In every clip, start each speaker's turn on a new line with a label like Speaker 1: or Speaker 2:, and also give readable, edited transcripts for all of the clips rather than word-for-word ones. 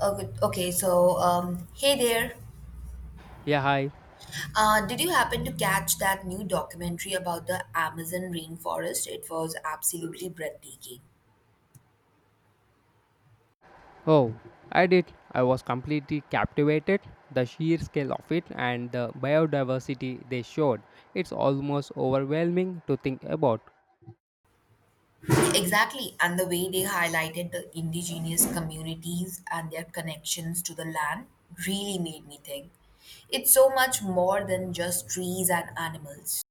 Speaker 1: Oh, good. Hey there.
Speaker 2: Yeah, hi.
Speaker 1: Did you happen to catch that new documentary about the Amazon rainforest? It was absolutely breathtaking.
Speaker 2: Oh, I did. I was completely captivated. The sheer scale of it and the biodiversity they showed. It's almost overwhelming to think about.
Speaker 1: Exactly, and the way they highlighted the indigenous communities and their connections to the land really made me think. It's so much more than just trees and animals.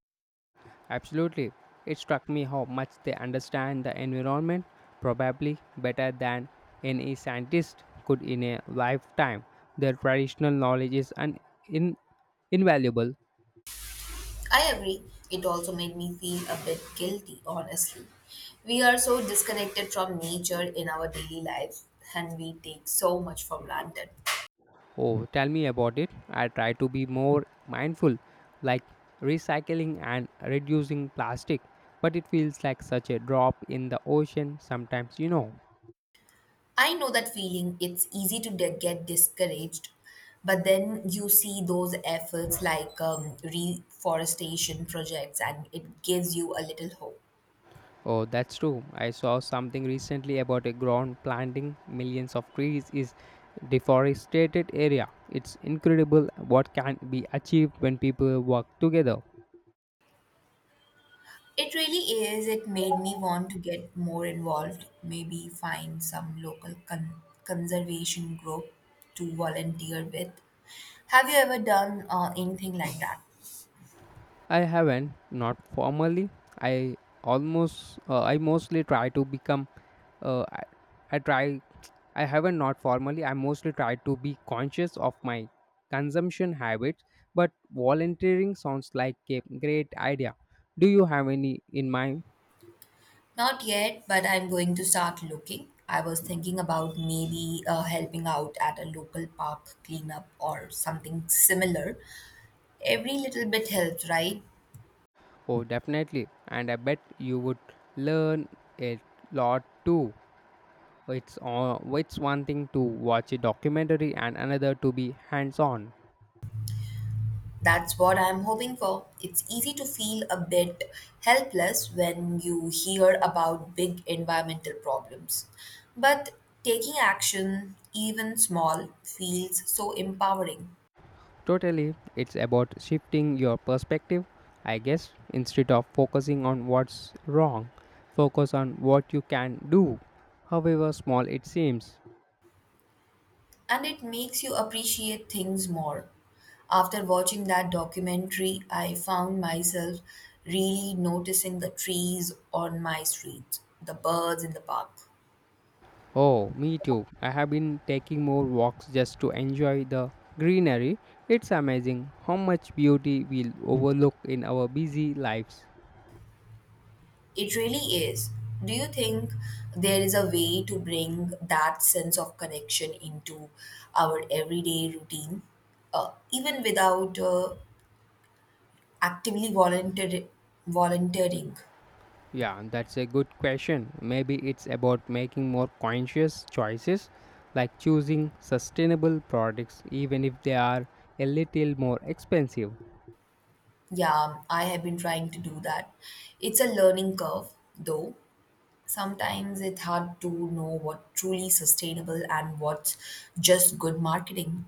Speaker 2: Absolutely. It struck me how much they understand the environment, probably better than any scientist could in a lifetime. Their traditional knowledge is in- invaluable.
Speaker 1: I agree. It also made me feel a bit guilty, honestly. We are so disconnected from nature in our daily lives, and we take so much for granted.
Speaker 2: Oh, tell me about it. I try to be more mindful, like recycling and reducing plastic, but it feels like such a drop in the ocean sometimes.
Speaker 1: I know that feeling. It's easy to get discouraged, but then you see those efforts like reforestation projects, and it gives you a little hope.
Speaker 2: Oh, that's true. I saw something recently about a ground planting millions of trees is deforested area. It's incredible what can be achieved when people work together.
Speaker 1: It really is. It made me want to get more involved, maybe find some local conservation group to volunteer with. Have you ever done anything like that?
Speaker 2: I haven't, not formally. I almost, I mostly try to become, uh, I, I try, I haven't, not formally. I mostly try to be conscious of my consumption habits, but volunteering sounds like a great idea. Do you have any in mind?
Speaker 1: Not yet, but I'm going to start looking. I was thinking about maybe helping out at a local park cleanup or something similar. Every little bit helps, right?
Speaker 2: Oh, definitely. And I bet you would learn a lot too. It's one thing to watch a documentary and another to be hands on.
Speaker 1: That's what I'm hoping for. It's easy to feel a bit helpless when you hear about big environmental problems. But taking action, even small, feels so empowering.
Speaker 2: Totally, it's about shifting your perspective, I guess. Instead of focusing on what's wrong, focus on what you can do, however small it seems.
Speaker 1: And it makes you appreciate things more. After watching that documentary, I found myself really noticing the trees on my street, the birds in the park.
Speaker 2: Oh, me too. I have been taking more walks just to enjoy the greenery. It's amazing how much beauty we overlook in our busy lives.
Speaker 1: It really is. Do you think there is a way to bring that sense of connection into our everyday routine, even without actively volunteer- volunteering?
Speaker 2: Yeah, that's a good question. Maybe it's about making more conscious choices, like choosing sustainable products, even if they are a little more expensive.
Speaker 1: Yeah, I have been trying to do that. It's a learning curve, though. Sometimes it's hard to know what truly sustainable and what's just good marketing.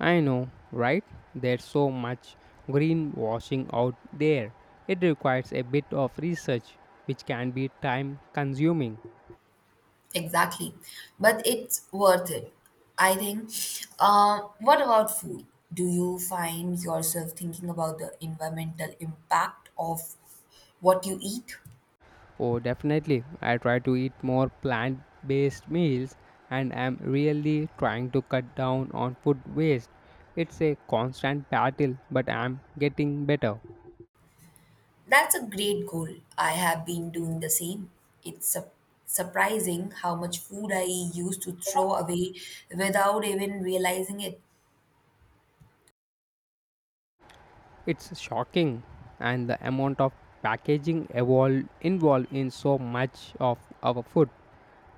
Speaker 2: I know, right? There's so much greenwashing out there. It requires a bit of research, which can be time consuming.
Speaker 1: Exactly. But it's worth it, I think. What about food? Do you find yourself thinking about the environmental impact of what you eat?
Speaker 2: Oh, definitely. I try to eat more plant based meals and am really trying to cut down on food waste. It's a constant battle, but I'm getting better.
Speaker 1: That's a great goal. I have been doing the same. It's surprising how much food I used to throw away without even realizing it.
Speaker 2: It's shocking, and the amount of packaging evolved, involved in so much of our food.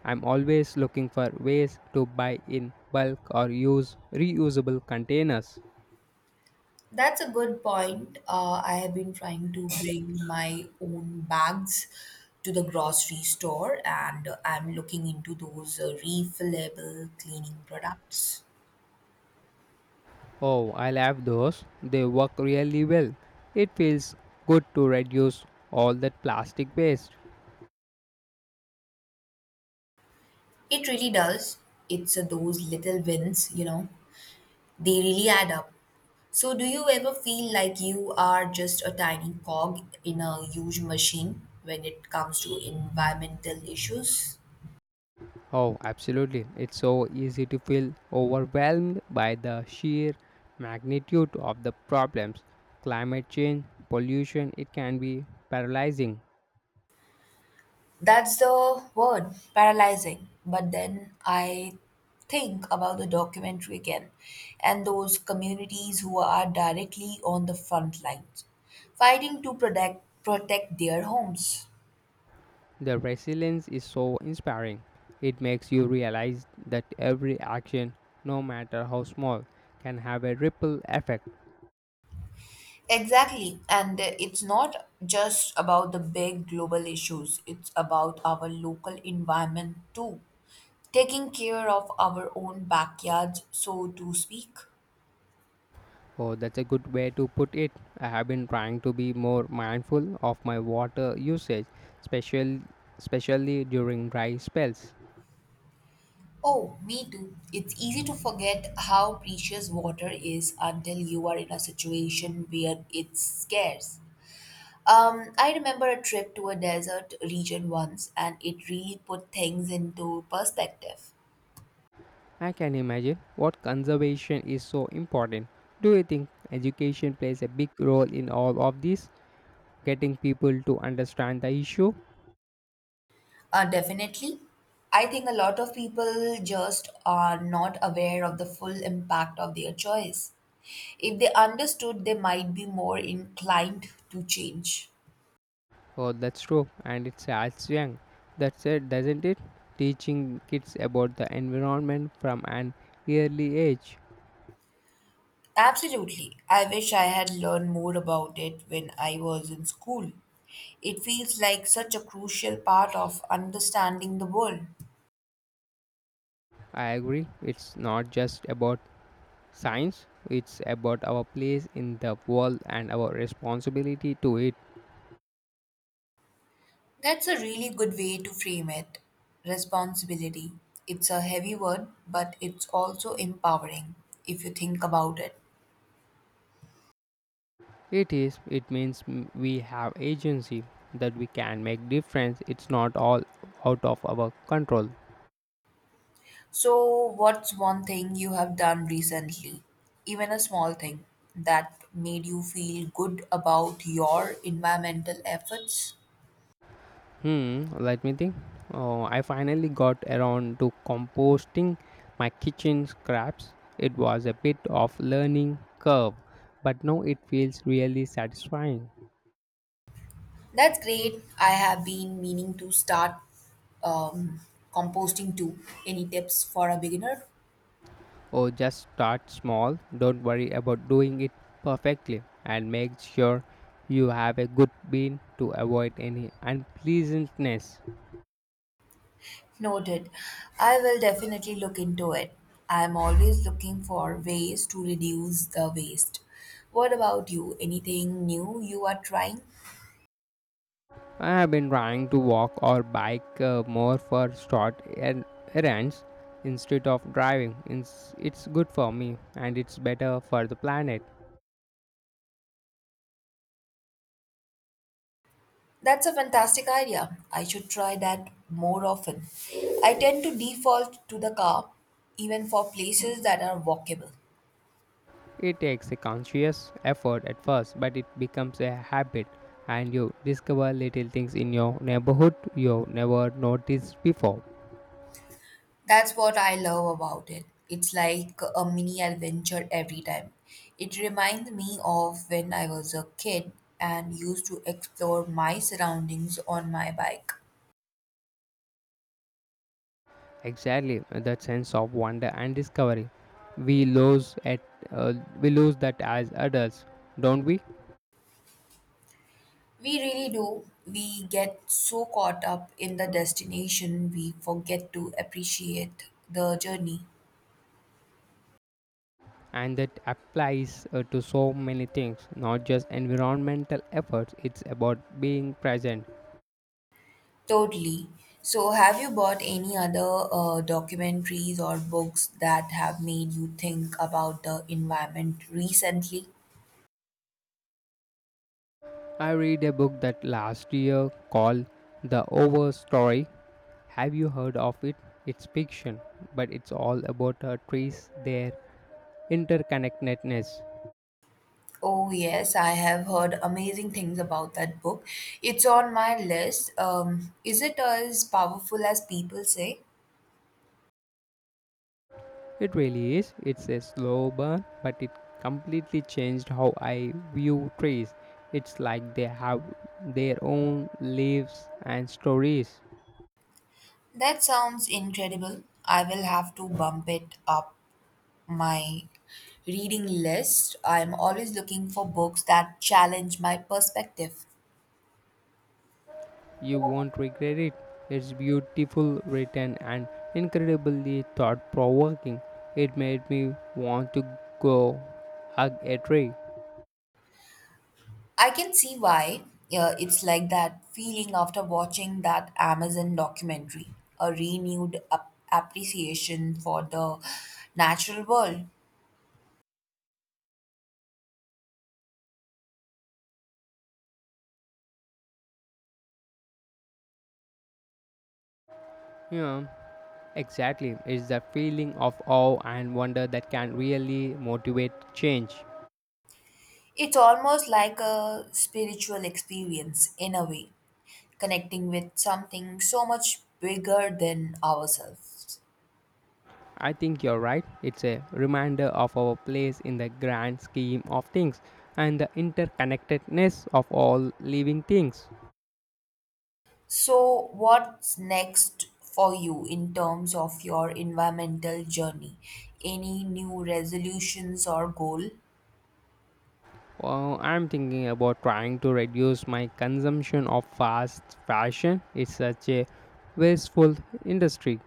Speaker 2: I'm always looking for ways to buy in bulk or use reusable containers.
Speaker 1: That's a good point. I have been trying to bring my own bags to the grocery store, and I'm looking into those refillable cleaning products.
Speaker 2: Oh, I love those. They work really well. It feels good to reduce all that plastic waste.
Speaker 1: It really does. It's, those little wins, they really add up. So, do you ever feel like you are just a tiny cog in a huge machine when it comes to environmental issues?
Speaker 2: Oh, absolutely. It's so easy to feel overwhelmed by the sheer magnitude of the problems. Climate change, pollution, it can be paralyzing.
Speaker 1: That's the word, paralyzing. But then I think about the documentary again and those communities who are directly on the front lines, fighting to protect their homes.
Speaker 2: The resilience is so inspiring. It makes you realize that every action, no matter how small, can have a ripple effect.
Speaker 1: Exactly. And it's not just about the big global issues, it's about our local environment too. Taking care of our own backyards, so to speak.
Speaker 2: Oh, that's a good way to put it. I have been trying to be more mindful of my water usage, especially, especially during dry spells.
Speaker 1: Oh, me too. It's easy to forget how precious water is until you are in a situation where it's scarce. I remember a trip to a desert region once, and it really put things into perspective.
Speaker 2: I can imagine what conservation is so important. Do you think education plays a big role in all of this, getting people to understand the issue?
Speaker 1: Definitely. I think a lot of people just are not aware of the full impact of their choice. If they understood, they might be more inclined to change.
Speaker 2: Oh, that's true, and it starts young. That's it, doesn't it? Teaching kids about the environment from an early age.
Speaker 1: Absolutely. I wish I had learned more about it when I was in school. It feels like such a crucial part of understanding the world.
Speaker 2: I agree. It's not just about science, it's about our place in the world and our responsibility to it.
Speaker 1: That's a really good way to frame it. Responsibility. It's a heavy word, but it's also empowering if you think about it.
Speaker 2: It is, it means we have agency that we can make difference. It's not all out of our control.
Speaker 1: So, what's one thing you have done recently, even a small thing, that made you feel good about your environmental efforts?
Speaker 2: Hmm, let me think. Oh, I finally got around to composting my kitchen scraps. It was a bit of learning curve, but now it feels really satisfying.
Speaker 1: That's great. I have been meaning to start um, composting too. Any tips for a beginner?
Speaker 2: Or just start small. Don't worry about doing it perfectly and make sure you have a good bean to avoid any unpleasantness.
Speaker 1: Noted. I will definitely look into it. I'm always looking for ways to reduce the waste. What about you? Anything new you are trying?
Speaker 2: I have been trying to walk or bike more for short errands instead of driving. It's good for me and it's better for the planet.
Speaker 1: That's a fantastic idea. I should try that more often. I tend to default to the car even for places that are walkable.
Speaker 2: It takes a conscious effort at first, but it becomes a habit and you discover little things in your neighborhood you never noticed before.
Speaker 1: That's what I love about it. It's like a mini adventure every time. It reminds me of when I was a kid and used to explore my surroundings on my bike.
Speaker 2: Exactly, that sense of wonder and discovery. We lose at uh, we lose that as adults, don't we?
Speaker 1: We really do. We get so caught up in the destination, we forget to appreciate the journey.
Speaker 2: And that applies to so many things, not just environmental efforts. It's about being present.
Speaker 1: Totally. So, have you bought any other documentaries or books that have made you think about the environment recently?
Speaker 2: I read a book that last year called The Over Story. Have you heard of it? It's fiction, but it's all about trees, their interconnectedness.
Speaker 1: Oh, yes, I have heard amazing things about that book. It's on my list. Is it as powerful as people say?
Speaker 2: It really is. It's a slow burn, but it completely changed how I view trees. It's like they have their own lives and stories.
Speaker 1: That sounds incredible. I will have to bump it up my reading list. I'm always looking for books that challenge my perspective.
Speaker 2: You won't regret it. It's beautiful written and incredibly thought provoking. It made me want to go hug a tree.
Speaker 1: I can see why. It's like that feeling after watching that Amazon documentary, a renewed appreciation for the natural world.
Speaker 2: Yeah, exactly. It's the feeling of awe and wonder that can really motivate change.
Speaker 1: It's almost like a spiritual experience in a way, connecting with something so much bigger than ourselves.
Speaker 2: I think you're right. It's a reminder of our place in the grand scheme of things and the interconnectedness of all living things.
Speaker 1: So, what's next for you in terms of your environmental journey? Any new resolutions or goal?
Speaker 2: I'm thinking about trying to reduce my consumption of fast fashion. It's such a wasteful industry.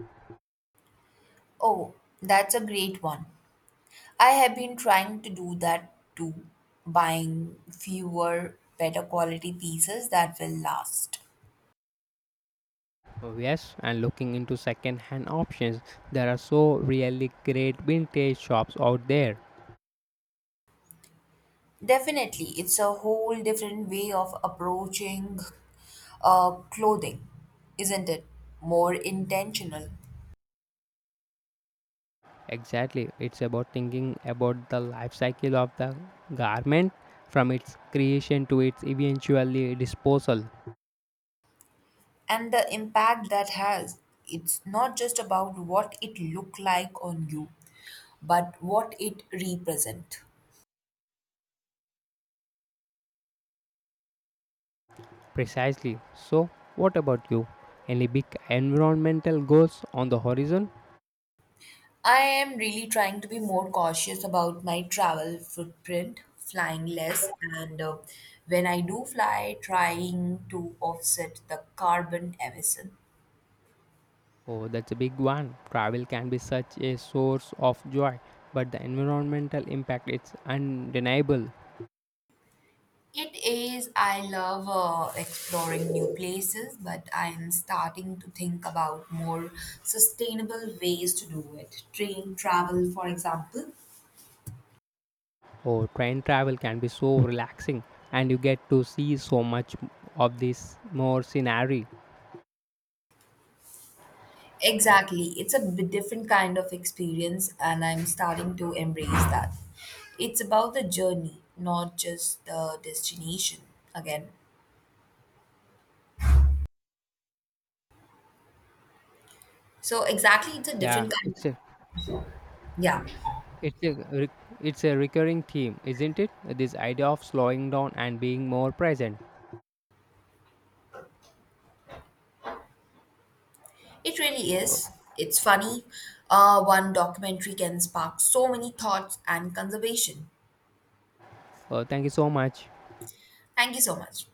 Speaker 1: Oh, that's a great one. I have been trying to do that too, buying fewer, better quality pieces that will last.
Speaker 2: Oh, yes, and looking into second hand options. There are so really great vintage shops out there.
Speaker 1: Definitely, it's a whole different way of approaching clothing, isn't it? More intentional.
Speaker 2: Exactly. It's about thinking about the life cycle of the garment from its creation to its eventually disposal.
Speaker 1: And the impact that has, it's not just about what it look like on you, but what it represent.
Speaker 2: Precisely. So, what about you? Any big environmental goals on the horizon?
Speaker 1: I am really trying to be more cautious about my travel footprint, flying less, and when I do fly, trying to offset the carbon emission.
Speaker 2: Oh, that's a big one. Travel can be such a source of joy, but the environmental impact is undeniable.
Speaker 1: It is. I love exploring new places, but I'm starting to think about more sustainable ways to do it. Train travel, for example.
Speaker 2: Oh, train travel can be so relaxing, and you get to see so much of this more scenery.
Speaker 1: Exactly. It's a bit different kind of experience, and I'm starting to embrace that. It's about the journey, not just the destination again. So, exactly, it's a different
Speaker 2: Yeah,
Speaker 1: kind of.
Speaker 2: it's a
Speaker 1: Yeah.
Speaker 2: It's a re- it's a recurring theme, isn't it? This idea of slowing down and being more present.
Speaker 1: It really
Speaker 2: Uh,
Speaker 1: is. It's funny. One documentary can spark so many thoughts and conservation.
Speaker 2: thank you so much.
Speaker 1: Thank you so much.